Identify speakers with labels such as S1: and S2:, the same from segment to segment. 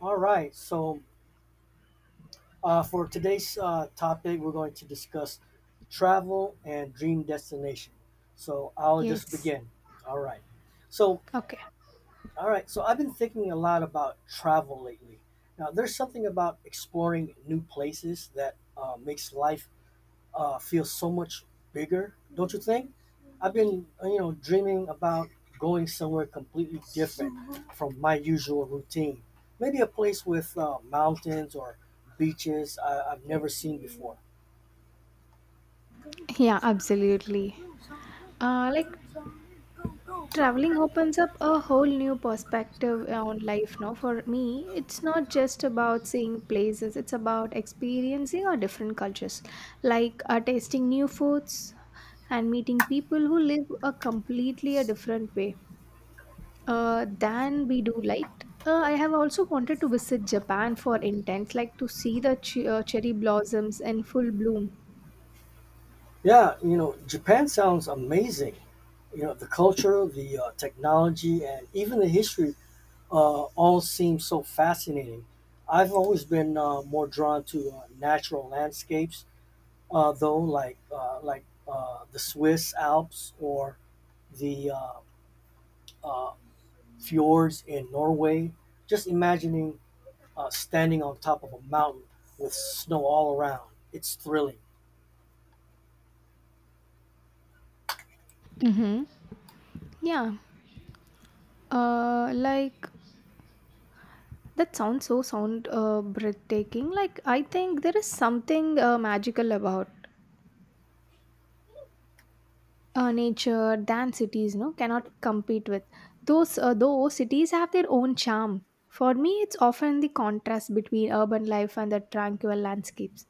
S1: All right. So, for today's topic, we're going to discuss travel and dream destination. So, I'll just
S2: Yes.
S1: begin. All right. So,
S2: Okay.
S1: I've been thinking a lot about travel lately. Now, there's something about exploring new places that makes life feel so much bigger, don't you think? I've been, you know, dreaming about going somewhere completely different from my usual routine. Maybe a place with mountains or beaches I've never seen before.
S2: Yeah, absolutely. Like traveling opens up a whole new perspective on life. Now, for me, it's not just about seeing places, it's about experiencing our different cultures, like tasting new foods and meeting people who live a completely a different way than we do, like I have also wanted to visit Japan for intent, like to see the cherry blossoms in full bloom.
S1: Yeah, you know, Japan sounds amazing. You know, the culture, the technology, and even the history all seem so fascinating. I've always been more drawn to natural landscapes though, like the Swiss Alps or the uh, fjords in Norway. Just imagining standing on top of a mountain with snow all around. It's thrilling.
S2: Mm-hmm. Yeah, like that sounds so sound breathtaking. Like I think there is something magical about nature than cities no cannot compete with those though cities have their own charm for me it's often the contrast between urban life and the tranquil landscapes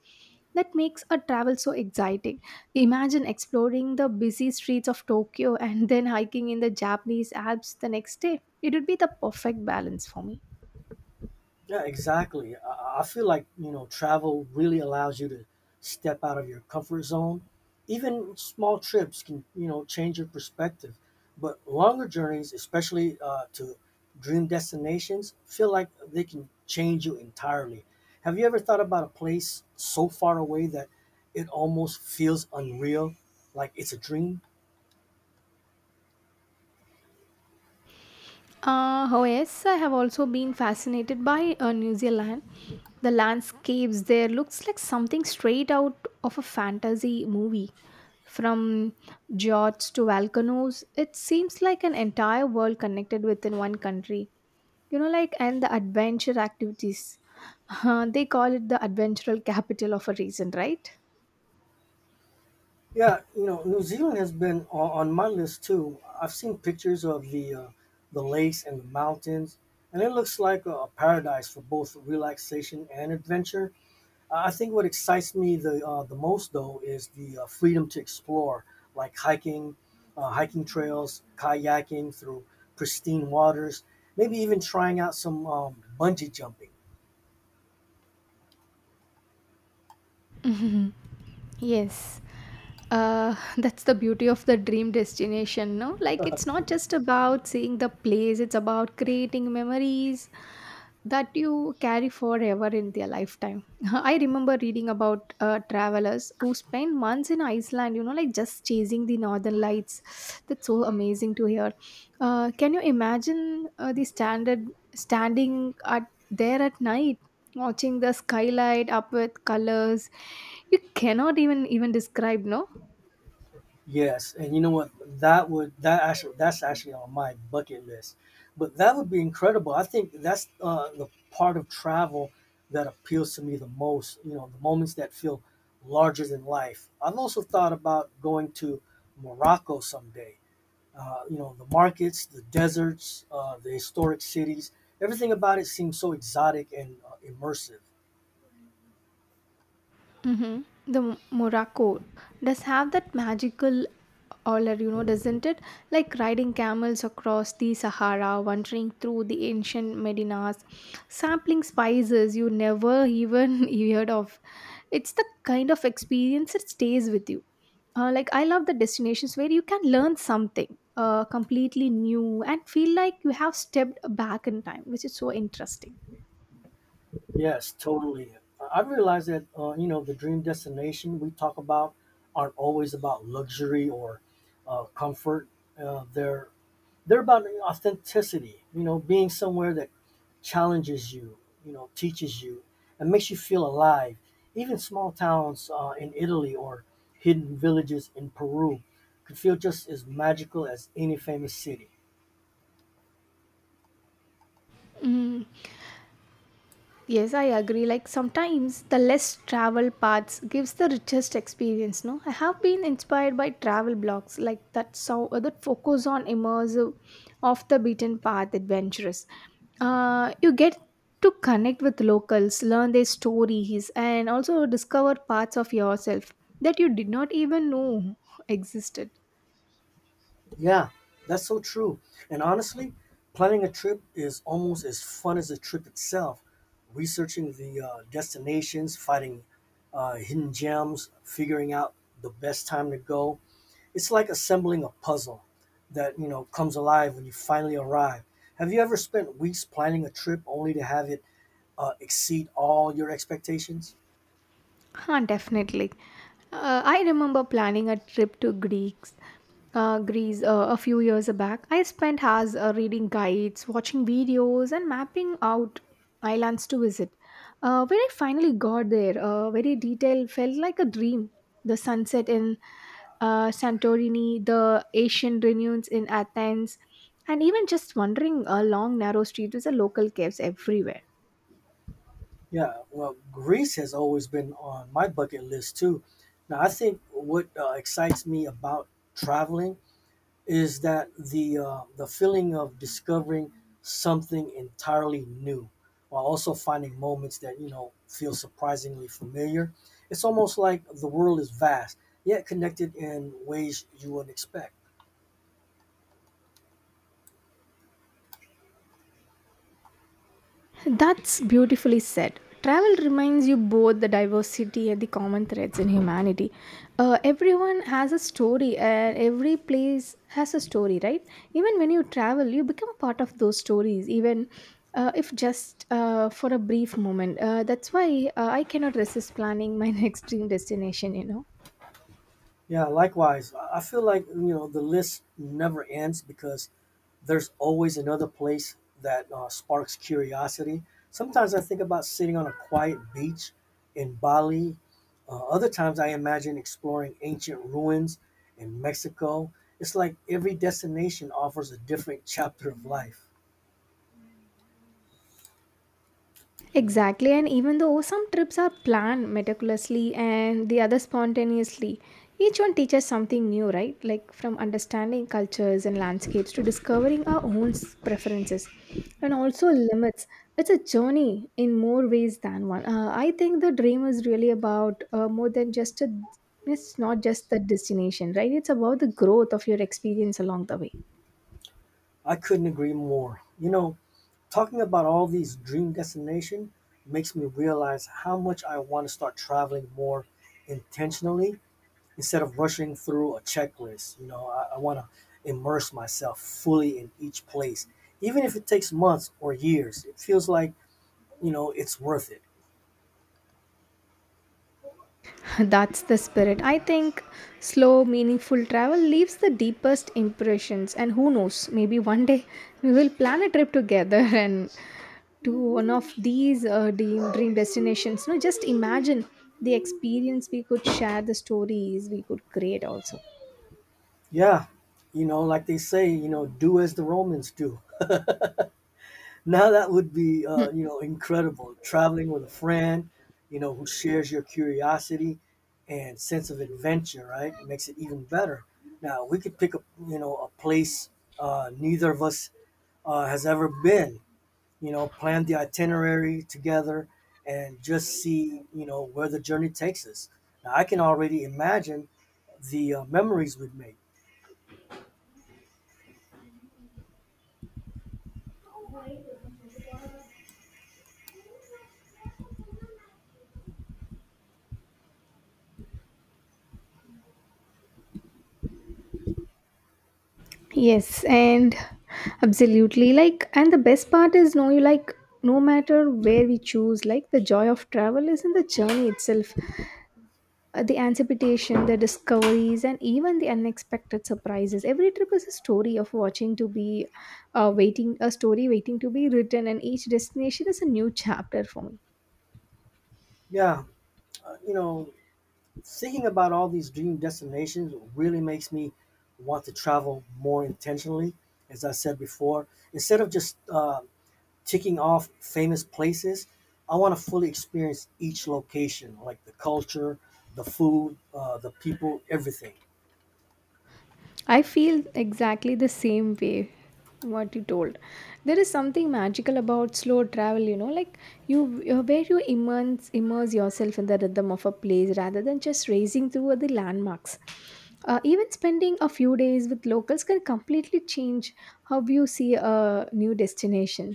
S2: that makes a travel so exciting. Imagine exploring the busy streets of Tokyo and then hiking in the Japanese Alps the next day. It would be the perfect balance for me.
S1: Yeah, exactly. I feel like, you know, travel really allows you to step out of your comfort zone. Even small trips can, you know, change your perspective. But longer journeys, especially to dream destinations, feel like they can change you entirely. Have you ever thought about a place so far away that it almost feels unreal, like it's a dream?
S2: Oh yes, I have also been fascinated by New Zealand. The landscapes there looks like something straight out of a fantasy movie. From fjords to volcanoes, it seems like an entire world connected within one country. You know, like, and the adventure activities. They call it the adventural capital of a reason, right?
S1: Yeah, you know, New Zealand has been on my list too. I've seen pictures of the lakes and the mountains, and it looks like a, paradise for both relaxation and adventure. I think what excites me the most though is the freedom to explore, like hiking, hiking trails, kayaking through pristine waters, maybe even trying out some bungee jumping.
S2: Yes. That's the beauty of the dream destination, no? Like, it's not just about seeing the place, it's about creating memories that you carry forever in their lifetime. I remember reading about travelers who spend months in Iceland, you know, like just chasing the northern lights. That's so amazing to hear. Can you imagine the standard standing at there at night, watching the skylight up with colors you cannot even describe, no?
S1: Yes, and you know what? That's actually on my bucket list, but that would be incredible. I think that's the part of travel that appeals to me the most. You know, the moments that feel larger than life. I've also thought about going to Morocco someday. You know, the markets, the deserts, the historic cities. Everything about it seems so exotic and immersive.
S2: Hmm. Morocco does have that magical aura, you know, doesn't it? Like riding camels across the Sahara, wandering through the ancient Medinas, sampling spices you never even heard of. It's the kind of experience that stays with you. Like I love the destinations where you can learn something completely new and feel like you have stepped back in time, which is so interesting.
S1: Yes, totally. I've realized that you know the dream destination we talk about aren't always about luxury or comfort. Uh, they're they're about authenticity. You know, being somewhere that challenges you, you know, teaches you, and makes you feel alive. Even small towns in Italy or hidden villages in Peru could feel just as magical as any famous city.
S2: Mm. Yes, I agree. Like sometimes the less traveled paths gives the richest experience. No, I have been inspired by travel blogs like that. So that focus on immersive, off the beaten path adventures. You get to connect with locals, learn their stories, and also discover parts of yourself that you did not even know existed.
S1: Yeah, that's so true. And honestly, planning a trip is almost as fun as the trip itself. Researching the destinations, finding hidden gems, figuring out the best time to go. It's like assembling a puzzle that, you know, comes alive when you finally arrive. Have you ever spent weeks planning a trip only to have it exceed all your expectations?
S2: Huh, definitely. I remember planning a trip to Greece a few years back. I spent hours reading guides, watching videos, and mapping out islands to visit. When I finally got there, very detailed felt like a dream. The sunset in Santorini, the Asian renewals in Athens, and even just wandering along narrow streets with the local caves everywhere.
S1: Yeah, well, Greece has always been on my bucket list too. Now, I think what excites me about traveling is that the feeling of discovering something entirely new, while also finding moments that you know feel surprisingly familiar. It's almost like the world is vast, yet connected in ways you wouldn't expect.
S2: That's beautifully said. Travel reminds you both the diversity and the common threads in humanity. Everyone has a story, and every place has a story, right? Even when you travel, you become a part of those stories, even if just for a brief moment. That's why I cannot resist planning my next dream destination, you know.
S1: Yeah, likewise, I feel like you know the list never ends because there's always another place that sparks curiosity. Sometimes I think about sitting on a quiet beach in Bali. Other times I imagine exploring ancient ruins in Mexico. It's like every destination offers a different chapter of life.
S2: Exactly, and even though some trips are planned meticulously and the other spontaneously, each one teaches something new, right? Like from understanding cultures and landscapes to discovering our own preferences and also limits. It's a journey in more ways than one. I think the dream is really about more than just a, it's not just the destination, right? It's about the growth of your experience along the way.
S1: I couldn't agree more. You know, talking about all these dream destinations makes me realize how much I want to start traveling more intentionally instead of rushing through a checklist. You know, I want to immerse myself fully in each place, even if it takes months or years. It feels like you know it's worth it.
S2: That's the spirit. I think slow, meaningful travel leaves the deepest impressions. And who knows, maybe one day we will plan a trip together and to one of these dream destinations. No, just imagine the experience we could share, the stories we could create also.
S1: Yeah, you know, like they say, you know, do as the Romans do. Now that would be
S2: Hmm.
S1: you know incredible. Traveling with a friend, you know, who shares your curiosity and sense of adventure, right? Makes it even better. Now we could pick up, you know, a place neither of us has ever been, you know, plan the itinerary together and just see, you know, where the journey takes us. Now, I can already imagine the memories we've made.
S2: Yes, and absolutely. Like, and the best part is, no, you like, no matter where we choose, like, the joy of travel is in the journey itself. The anticipation, the discoveries, and even the unexpected surprises. Every trip is a story of watching to be, a story waiting to be written, and each destination is a new chapter for me.
S1: Yeah, you know, thinking about all these dream destinations really makes me want to travel more intentionally, as I said before. Instead of just ticking off famous places, I want to fully experience each location, like the culture, the food, the people, everything.
S2: I feel exactly the same way what you told. There is something magical about slow travel, you know, like you where you immerse yourself in the rhythm of a place rather than just racing through the landmarks. Even spending a few days with locals can completely change how you see a new destination.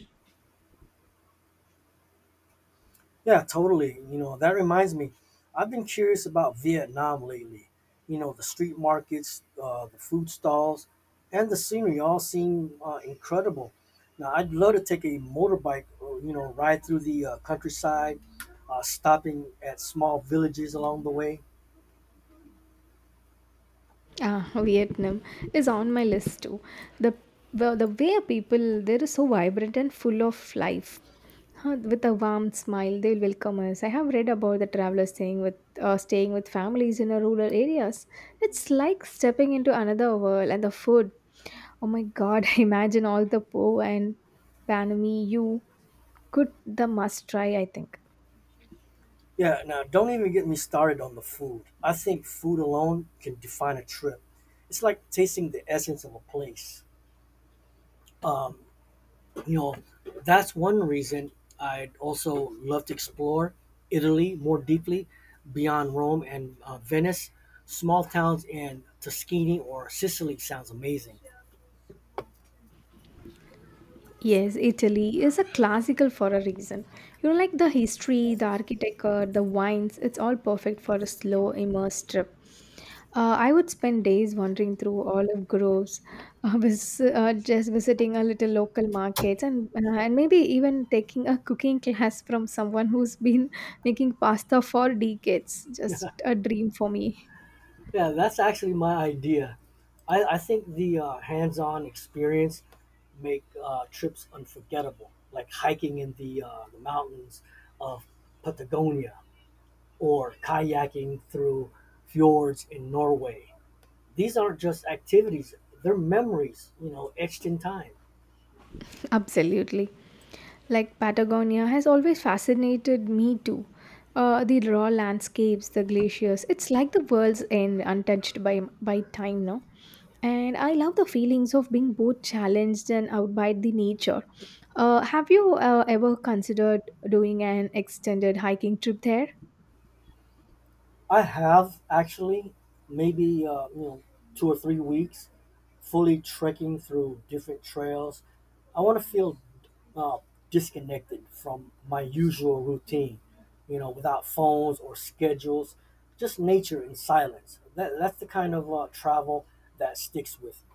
S1: Yeah, totally. You know, that reminds me, I've been curious about Vietnam lately. You know, the street markets, the food stalls, and the scenery all seem incredible. Now, I'd love to take a motorbike, or, you know, ride through the countryside, stopping at small villages along the way.
S2: Ah, Vietnam is on my list too. The the way people there is so vibrant and full of life. Huh, with a warm smile, they'll welcome us. I have read about the travelers staying with families in a rural areas. It's like stepping into another world, and the food. Oh my God! Imagine all the po and banh mi you could the must try. I think.
S1: Yeah, now don't even get me started on the food. I think food alone can define a trip. It's like tasting the essence of a place. You know, that's one reason I'd also love to explore Italy more deeply beyond Rome and Venice. Small towns in Tuscany or Sicily sounds amazing.
S2: Yes, Italy is a classical for a reason. You know, like the history, the architecture, the wines, it's all perfect for a slow, immersed trip. I would spend days wandering through olive groves, just visiting a little local markets, and maybe even taking a cooking class from someone who's been making pasta for decades. Just a dream for me.
S1: Yeah, that's actually my idea. I think the hands-on experience make trips unforgettable, like hiking in the mountains of Patagonia or kayaking through fjords in Norway. These aren't just activities, they're memories, you know, etched in time.
S2: Absolutely. Like Patagonia has always fascinated me too. The raw landscapes, the glaciers, it's like the world's end untouched by time, no? And I love the feelings of being both challenged and out by the nature. Have you ever considered doing an extended hiking trip there?
S1: I have actually maybe, you know, 2 or 3 weeks fully trekking through different trails. I want to feel uh, disconnected from my usual routine, you know, without phones or schedules, just nature and silence. That's the kind of travel that sticks with me.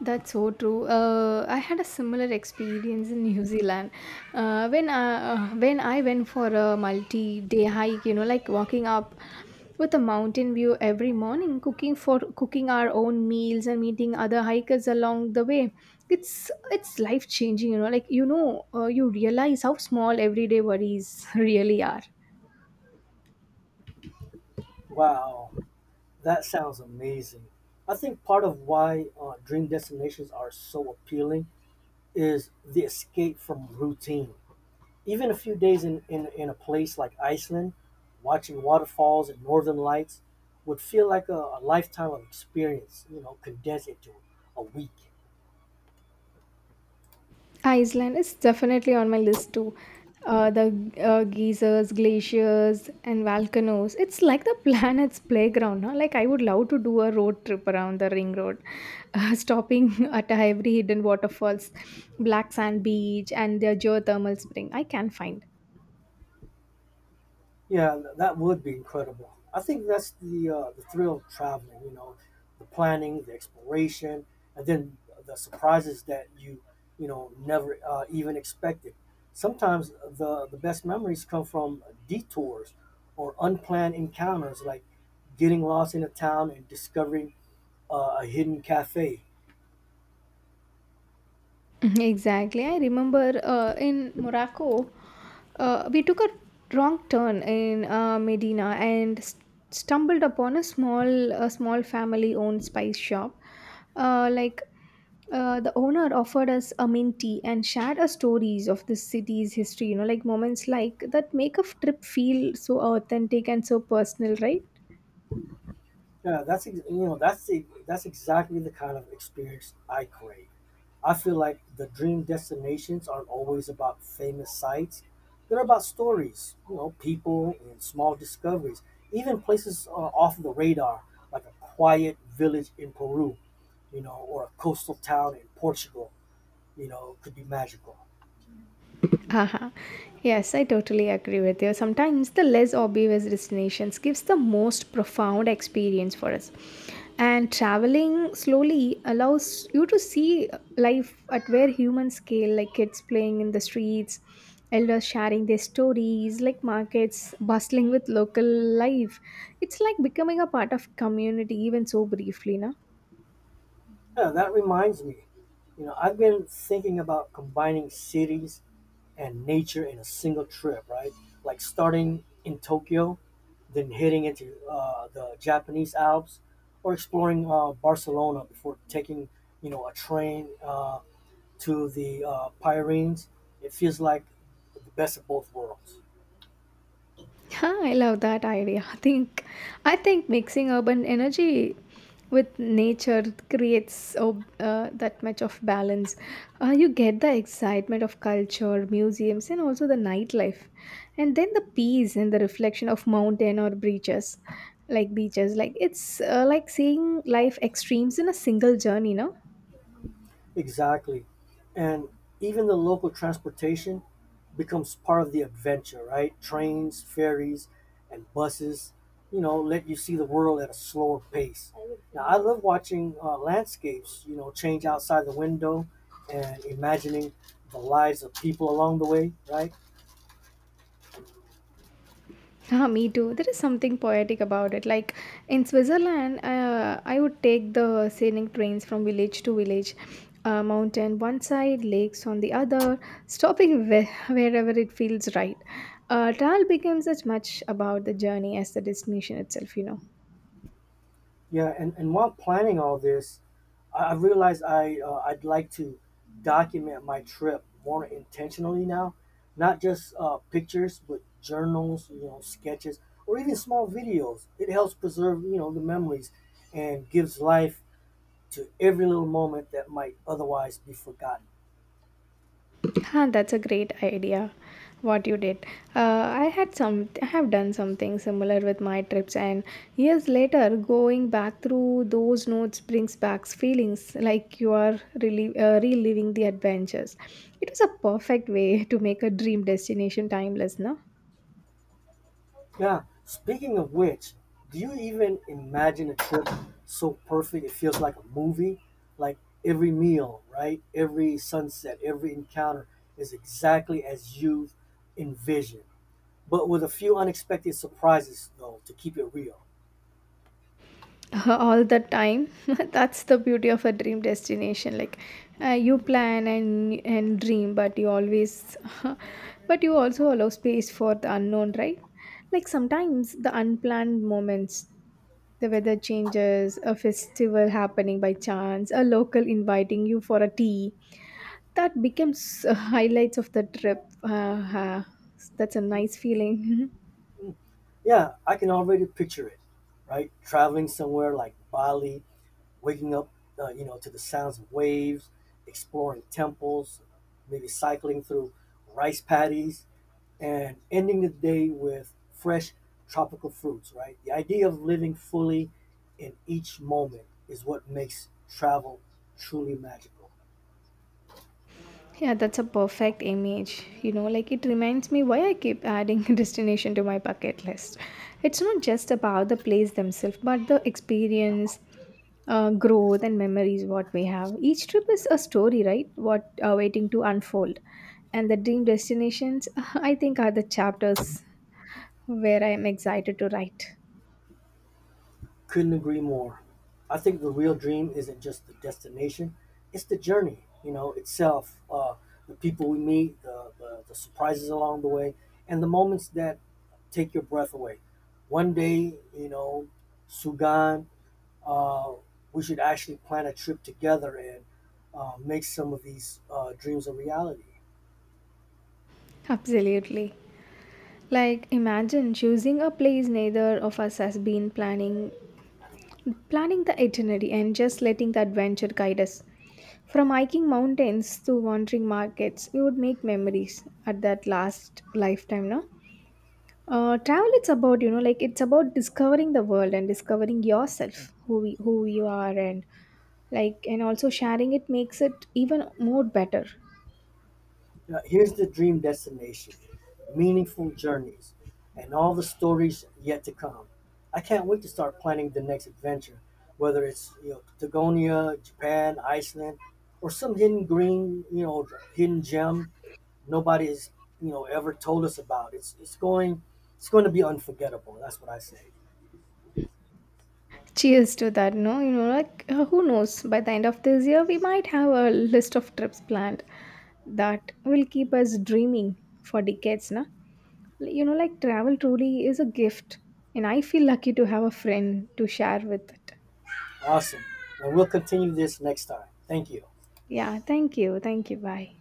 S2: That's so true. I had a similar experience in New Zealand when I went for a multi-day hike. You know, like walking up with a mountain view every morning, cooking our own meals and meeting other hikers along the way. It's life changing. You know, like you know, you realize how small everyday worries really are.
S1: Wow. That sounds amazing. I think part of why dream destinations are so appealing is the escape from routine. Even a few days in a place like Iceland, watching waterfalls and northern lights would feel like a lifetime of experience, you know, condensed into a week.
S2: Iceland is definitely on my list too. The geysers, glaciers, and volcanoes. It's like the planet's playground. Huh? Like, I would love to do a road trip around the ring road, stopping at every hidden waterfalls, black sand beach, and their geothermal spring. I can find.
S1: Yeah, that would be incredible. I think that's the thrill of traveling. You know, the planning, the exploration, and then the surprises that you know never even expected. Sometimes the best memories come from detours or unplanned encounters, like getting lost in a town and discovering a hidden cafe.
S2: Mm-hmm. Exactly. I remember in Morocco, we took a wrong turn in Medina and stumbled upon a small family-owned spice shop. Uh, like the owner offered us a mint tea and shared us stories of the city's history. You know, like moments like that make a trip feel so authentic and so personal, right?
S1: Yeah, you know that's exactly the kind of experience I crave. I feel like the dream destinations aren't always about famous sites. They're about stories, you know, people and small discoveries. Even places off the radar, like a quiet village in Peru, you know, or a coastal town in Portugal, you know, could be magical.
S2: Haha. Yes, I totally agree with you. Sometimes the less obvious destinations gives the most profound experience for us. And traveling slowly allows you to see life at very human scale, like kids playing in the streets, elders sharing their stories, like markets bustling with local life. It's like becoming a part of community, even so briefly, na?
S1: Yeah, that reminds me. You know, I've been thinking about combining cities and nature in a single trip, right? Like starting in Tokyo, then heading into the Japanese Alps, or exploring Barcelona before taking, you know, a train to the Pyrenees. It feels like the best of both worlds.
S2: Yeah, I love that idea. I think mixing urban energy with nature creates that much of balance. You get the excitement of culture, museums, and also the nightlife, and then the peace and the reflection of mountain or beaches. Like it's like seeing life extremes in a single journey. No.
S1: Exactly. And even the local transportation becomes part of the adventure, right? Trains, ferries, and buses, you know, let you see the world at a slower pace. Now, I love watching landscapes, you know, change outside the window and imagining the lives of people along the way, right?
S2: Yeah, me too. There is something poetic about it. Like in Switzerland, I would take the scenic trains from village to village, mountain one side, lakes on the other, stopping wherever it feels right. Travel becomes as much about the journey as the destination itself, you know.
S1: Yeah, and while planning all this, I realized I'd like to document my trip more intentionally now, not just pictures, but journals, you know, sketches, or even small videos. It helps preserve you know the memories, and gives life to every little moment that might otherwise be forgotten.
S2: Huh, that's a great idea. What you did, I have done something similar with my trips, and years later, going back through those notes brings back feelings like you are really reliving the adventures. It was a perfect way to make a dream destination timeless, no?
S1: Yeah, speaking of which, do you even imagine a trip so perfect it feels like a movie? Like every meal, right? Every sunset, every encounter is exactly as you envisioned, but with a few unexpected surprises, though, to keep it real.
S2: All the time. That's the beauty of a dream destination. Like you plan and dream, but you always but you also allow space for the unknown, right? Like sometimes the unplanned moments, the weather changes, a festival happening by chance, a local inviting you for a tea, that becomes highlights of the trip. That's a nice feeling.
S1: Mm, Yeah, I can already picture it, right? Traveling somewhere like Bali, waking up, you know, to the sounds of waves, exploring temples, maybe cycling through rice paddies and ending the day with fresh tropical fruits, right? The idea of living fully in each moment is what makes travel truly magical.
S2: Yeah, that's a perfect image. You know, like it reminds me why I keep adding destination to my bucket list. It's not just about the place themselves, but the experience, growth, and memories what we have. Each trip is a story, right? What waiting to unfold, and the dream destinations, I think, are the chapters where I am excited to write.
S1: Couldn't agree more. I think the real dream isn't just the destination, it's the journey, you know, itself. The people we meet, the surprises along the way, and the moments that take your breath away. One day, you know, Sugan uh, we should actually plan a trip together and make some of these dreams a reality.
S2: Absolutely. Like, imagine choosing a place neither of us has been planning the itinerary and just letting the adventure guide us. From hiking mountains to wandering markets, we would make memories at that last lifetime, no? Travel it's about you know like it's about discovering the world and discovering yourself who you are, and like, and also sharing it makes it even more better.
S1: Now, here's the dream destination, meaningful journeys and all the stories yet to come. I can't wait to start planning the next adventure, whether it's you know Patagonia, Japan, Iceland, or some hidden green, you know, hidden gem nobody's you know ever told us about. It's going to be unforgettable. That's what I say.
S2: Cheers to that, no? You know, like who knows, by the end of this year we might have a list of trips planned that will keep us dreaming for decades, na. Like, you know, like travel truly is a gift, and I feel lucky to have a friend to share with it.
S1: Awesome. And we'll continue this next time. Thank you.
S2: Yeah, thank you. Thank you. Bye.